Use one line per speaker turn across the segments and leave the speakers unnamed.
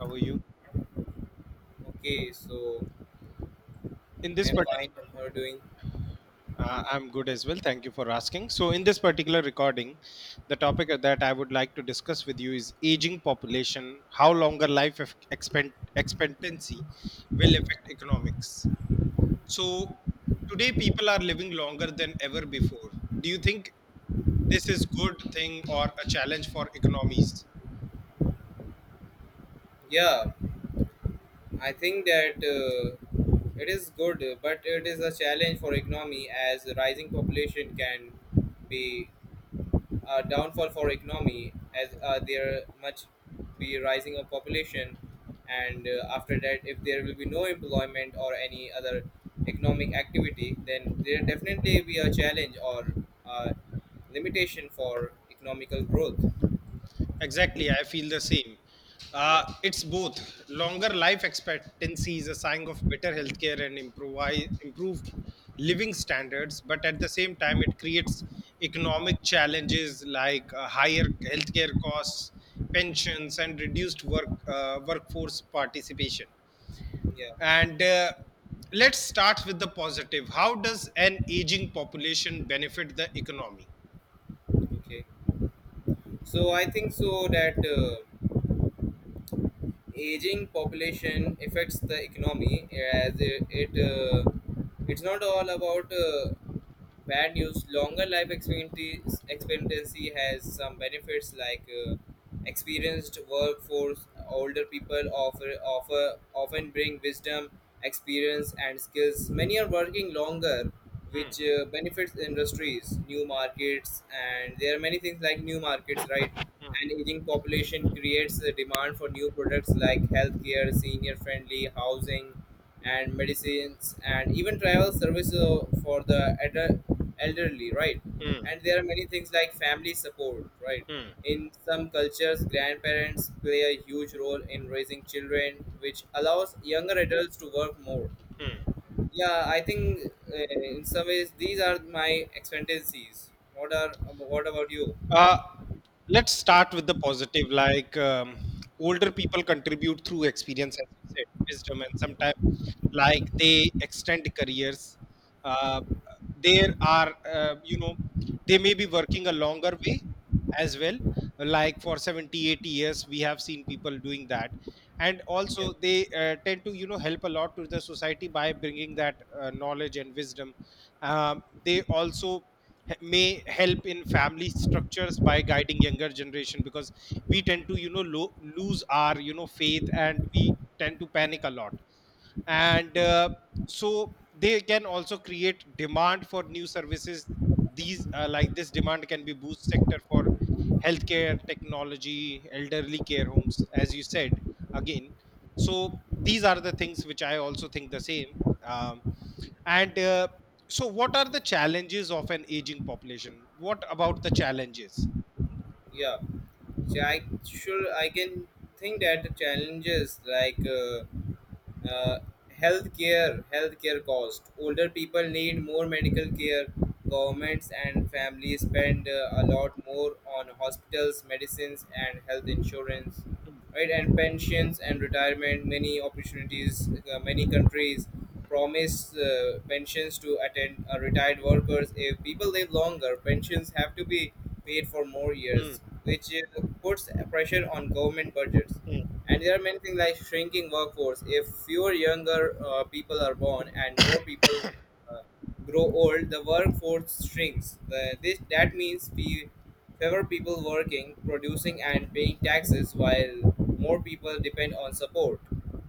How are you?
Okay, so
In
I
this
am
particular,
fine. And How are you doing?
I'm good as well. Thank you for asking. So, in this particular recording, the topic that I would like to discuss with you is aging population, how longer life expectancy will affect economics. So, today people are living longer than ever before. Do you think this is good thing or a challenge for economies?
Yeah, I think that it is good, but it is a challenge for economy as rising population can be a downfall for economy as there much be rising of population, and after that, if there will be no employment or any other economic activity, then there definitely be a challenge or uh, limitation for economical growth.
Exactly, I feel the same.
Yeah,
It's both. Longer life expectancy is a sign of better healthcare and improved living standards, but at the same time, it creates economic challenges like higher healthcare costs, pensions, and reduced workforce participation.
yeah.
And let's start with the positive. How does an aging population benefit the economy?
Okay. So I think so that aging population affects the economy as it it's not all about bad news. Longer life expectancy has some benefits like experienced workforce. Older people offer often bring wisdom, experience, and skills. Many are working longer which benefits industries, new markets, and there are many things like new markets, right? And aging population creates a demand for new products like healthcare, senior friendly housing, and medicines, and even travel services for the elderly, right? And there are many things like family support, right?
Hmm.
In some cultures, grandparents play a huge role in raising children, which allows younger adults to work more. Yeah, I think in some ways these are my expectancies. What are, what about you?
Uh, let's start with the positive. Like older people contribute through experience, as you said, wisdom, and sometimes like they extend careers. Uh, there are, you know, they may be working a longer way as well. Like for 70, 80 years, we have seen people doing that. And
Yeah,
also, they tend to, you know, help a lot to the society by bringing that knowledge and wisdom uh, they also may help in family structures by guiding younger generation, because we tend to, you know, lose our, you know, faith, and we tend to panic a lot, and so they can also create demand for new services. These, like this demand, can be boost sector for healthcare technology, elderly care homes, as you said again. So these are the things which I also think the same. um, and so, what are the challenges of an aging population? What about the challenges?
yeah. So I can think that the challenges like uh, healthcare cost, older people need more medical care, governments and families spend a lot more on hospitals, medicines, and health insurance, right? And pensions and retirement, many opportunities, many countries promise pensions to attend retired workers. If people live longer, pensions have to be paid for more
Hmm.
years, which puts pressure on government budgets.
Hmm.
And there are many things like shrinking workforce. If fewer younger people are born and more people uh, grow old, the workforce shrinks. The, this That means we fewer people working, producing, and paying taxes, while more people depend on support.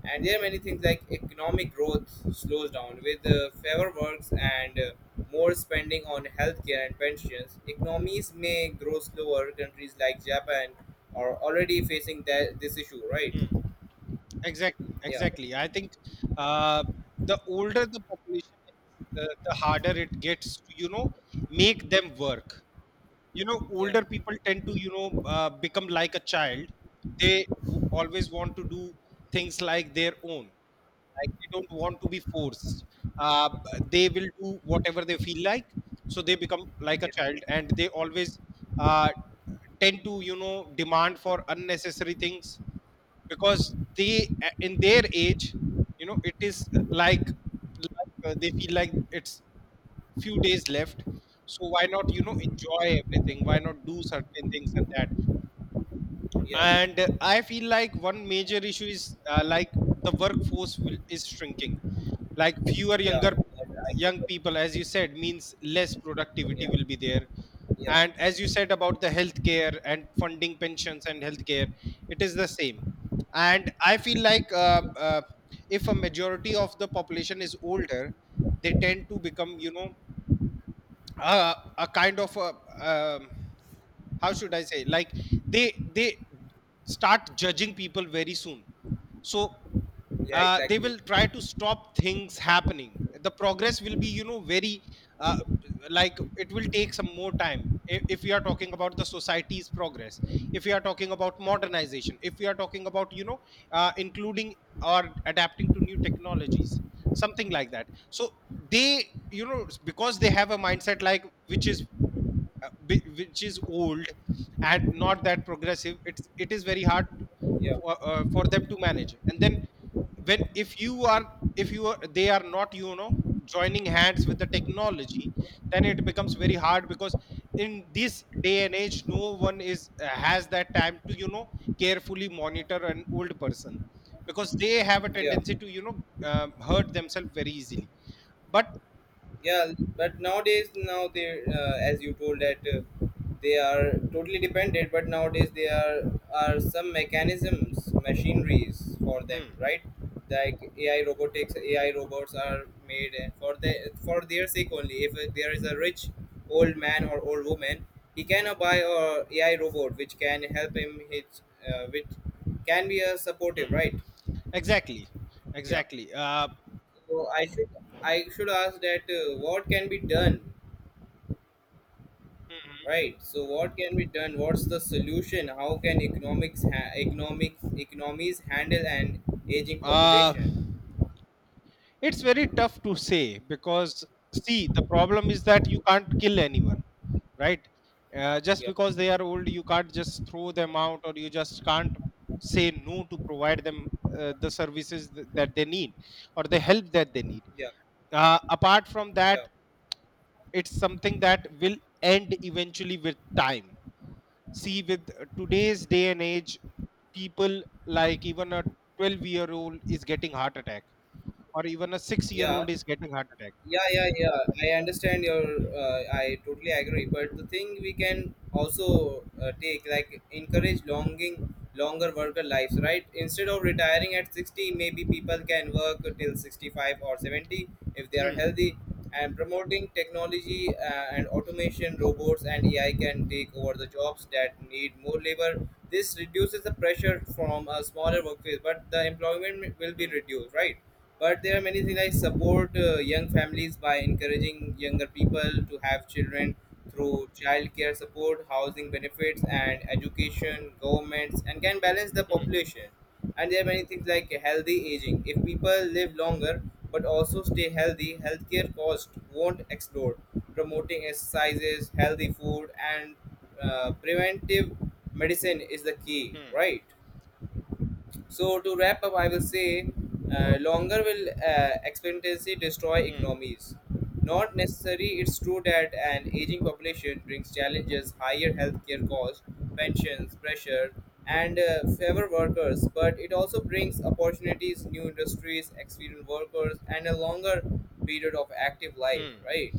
And there are many things like economic growth slows down with fewer works and more spending on healthcare and pensions. Economies may grow slower. Countries like Japan are already facing that this issue, right?
Hmm. Exactly,
Yeah,
exactly. I think uh, the older the population is, the harder it gets to, you know, make them work. You know,
yeah,
older people tend to, you know, become like a child. They always want to do things like their own. Like they don't want to be forced. Uh, they will do whatever they feel like. So they become like a
yeah,
child, and they always uh, tend to, you know, demand for unnecessary things, because in their age, you know, it is, uh, they feel like it's few days left, so why not, you know, enjoy everything, why not do certain things, and that.
yeah,
And I feel like one major issue is, like, the workforce is shrinking, like fewer
yeah.
younger young people, as you said, means less productivity
Yeah,
will be there.
yeah,
And as you said about the healthcare and funding pensions and healthcare, it is the same. And I feel like if a majority of the population is older, they tend to become, you know, a kind of a, um, how should I say, like, they start judging people very soon. So
yeah,
they
exactly.
will try to stop things happening, the progress will be, you know, very uh, like, it will take some more time if we are talking about the society's progress, if we are talking about modernization, if we are talking about, you know, including or adapting to new technologies, something like that. So they, you know, because they have a mindset like which is, which is old and not that progressive, it is very hard
Yeah,
for them to manage. And then when if you are, if you are, they are not, you know, joining hands with the technology, then it becomes very hard because in this day and age, no one is, has that time to, you know, carefully monitor an old person, because they have a
yeah,
tendency to, you know, hurt themselves very easily. But
yeah. But nowadays, now they as you told that they are totally dependent, but nowadays they are some mechanisms, machineries for them,
Mm,
right? Like AI robotics, AI robots are made for the for their sake only. If there is a rich old man or old woman, he can buy a AI robot which can help him his which can be a supportive, right?
exactly,
Yeah.
exactly.
so I should I should ask that what can be done. Right. So what can be done? What's the solution? How can economics ha- economics economies handle an aging
Uh,
population?
it's very tough to say because, see, the problem is that you can't kill anyone, right? Just
Yeah,
because they are old, you can't just throw them out, or you just can't say no to provide them the services that they need or the help that they need.
yeah,
Apart from that,
yeah,
it's something that will end eventually with time. See, with today's day and age, people, like, even a 12-year-old is getting heart attack, or even a 6 year
yeah.
old is getting heart attack.
Yeah, yeah, yeah, I understand your, I totally agree. But the thing we can also take, like encourage longing longer worker lives, right? Instead of retiring at 60, maybe people can work till 65 or 70 if they are
Hmm,
healthy. And promoting technology and automation, robots and AI can take over the jobs that need more labor. This reduces the pressure from a smaller workforce, but the employment will be
hmm,
reduced, right? But there are many things like support young families by encouraging younger people to have children through childcare support, housing benefits, and education, governments, and can balance the
hmm,
population. And there are many things like healthy aging. If people live longer but also stay healthy, healthcare costs won't explode. Promoting exercises, healthy food, and preventive medicine is the key,
hmm,
right? So to wrap up, I will say, longer will expectancy destroy
hmm,
economies. Not necessary. It's true that an aging population brings challenges, higher healthcare costs, pensions pressure, and favor workers. But it also brings opportunities, new industries, experienced workers, and a longer period of active life.
hmm,
Right.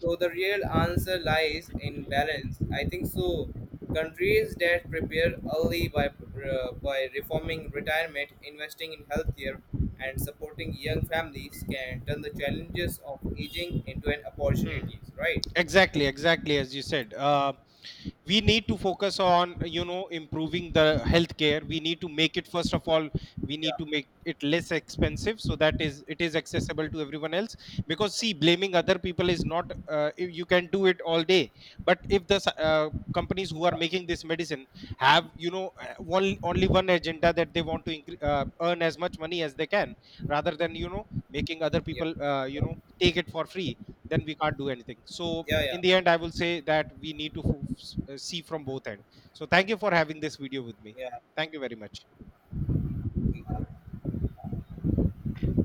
So the real answer lies in balance. I think so. Countries that prepare early by reforming retirement, investing in healthcare, and supporting young families can turn the challenges of aging into an
hmm.
opportunities. Right?
Exactly, exactly, as you said, we need to focus on, you know, improving the healthcare. We need to make it, first of all, we need
Yeah.
to make it less expensive, so that is it is accessible to everyone else. Because see, blaming other people is not, if you can do it all day. But if the companies who are making this medicine have, you know, one only one agenda, that they want to earn as much money as they can, rather than, you know, making other
Yeah.
people, you know, take it for free, then we can't do anything. So
Yeah. Yeah.
in the end, I will say that we need to see from both end. So thank you for having this video with me.
Yeah.
Thank you very much.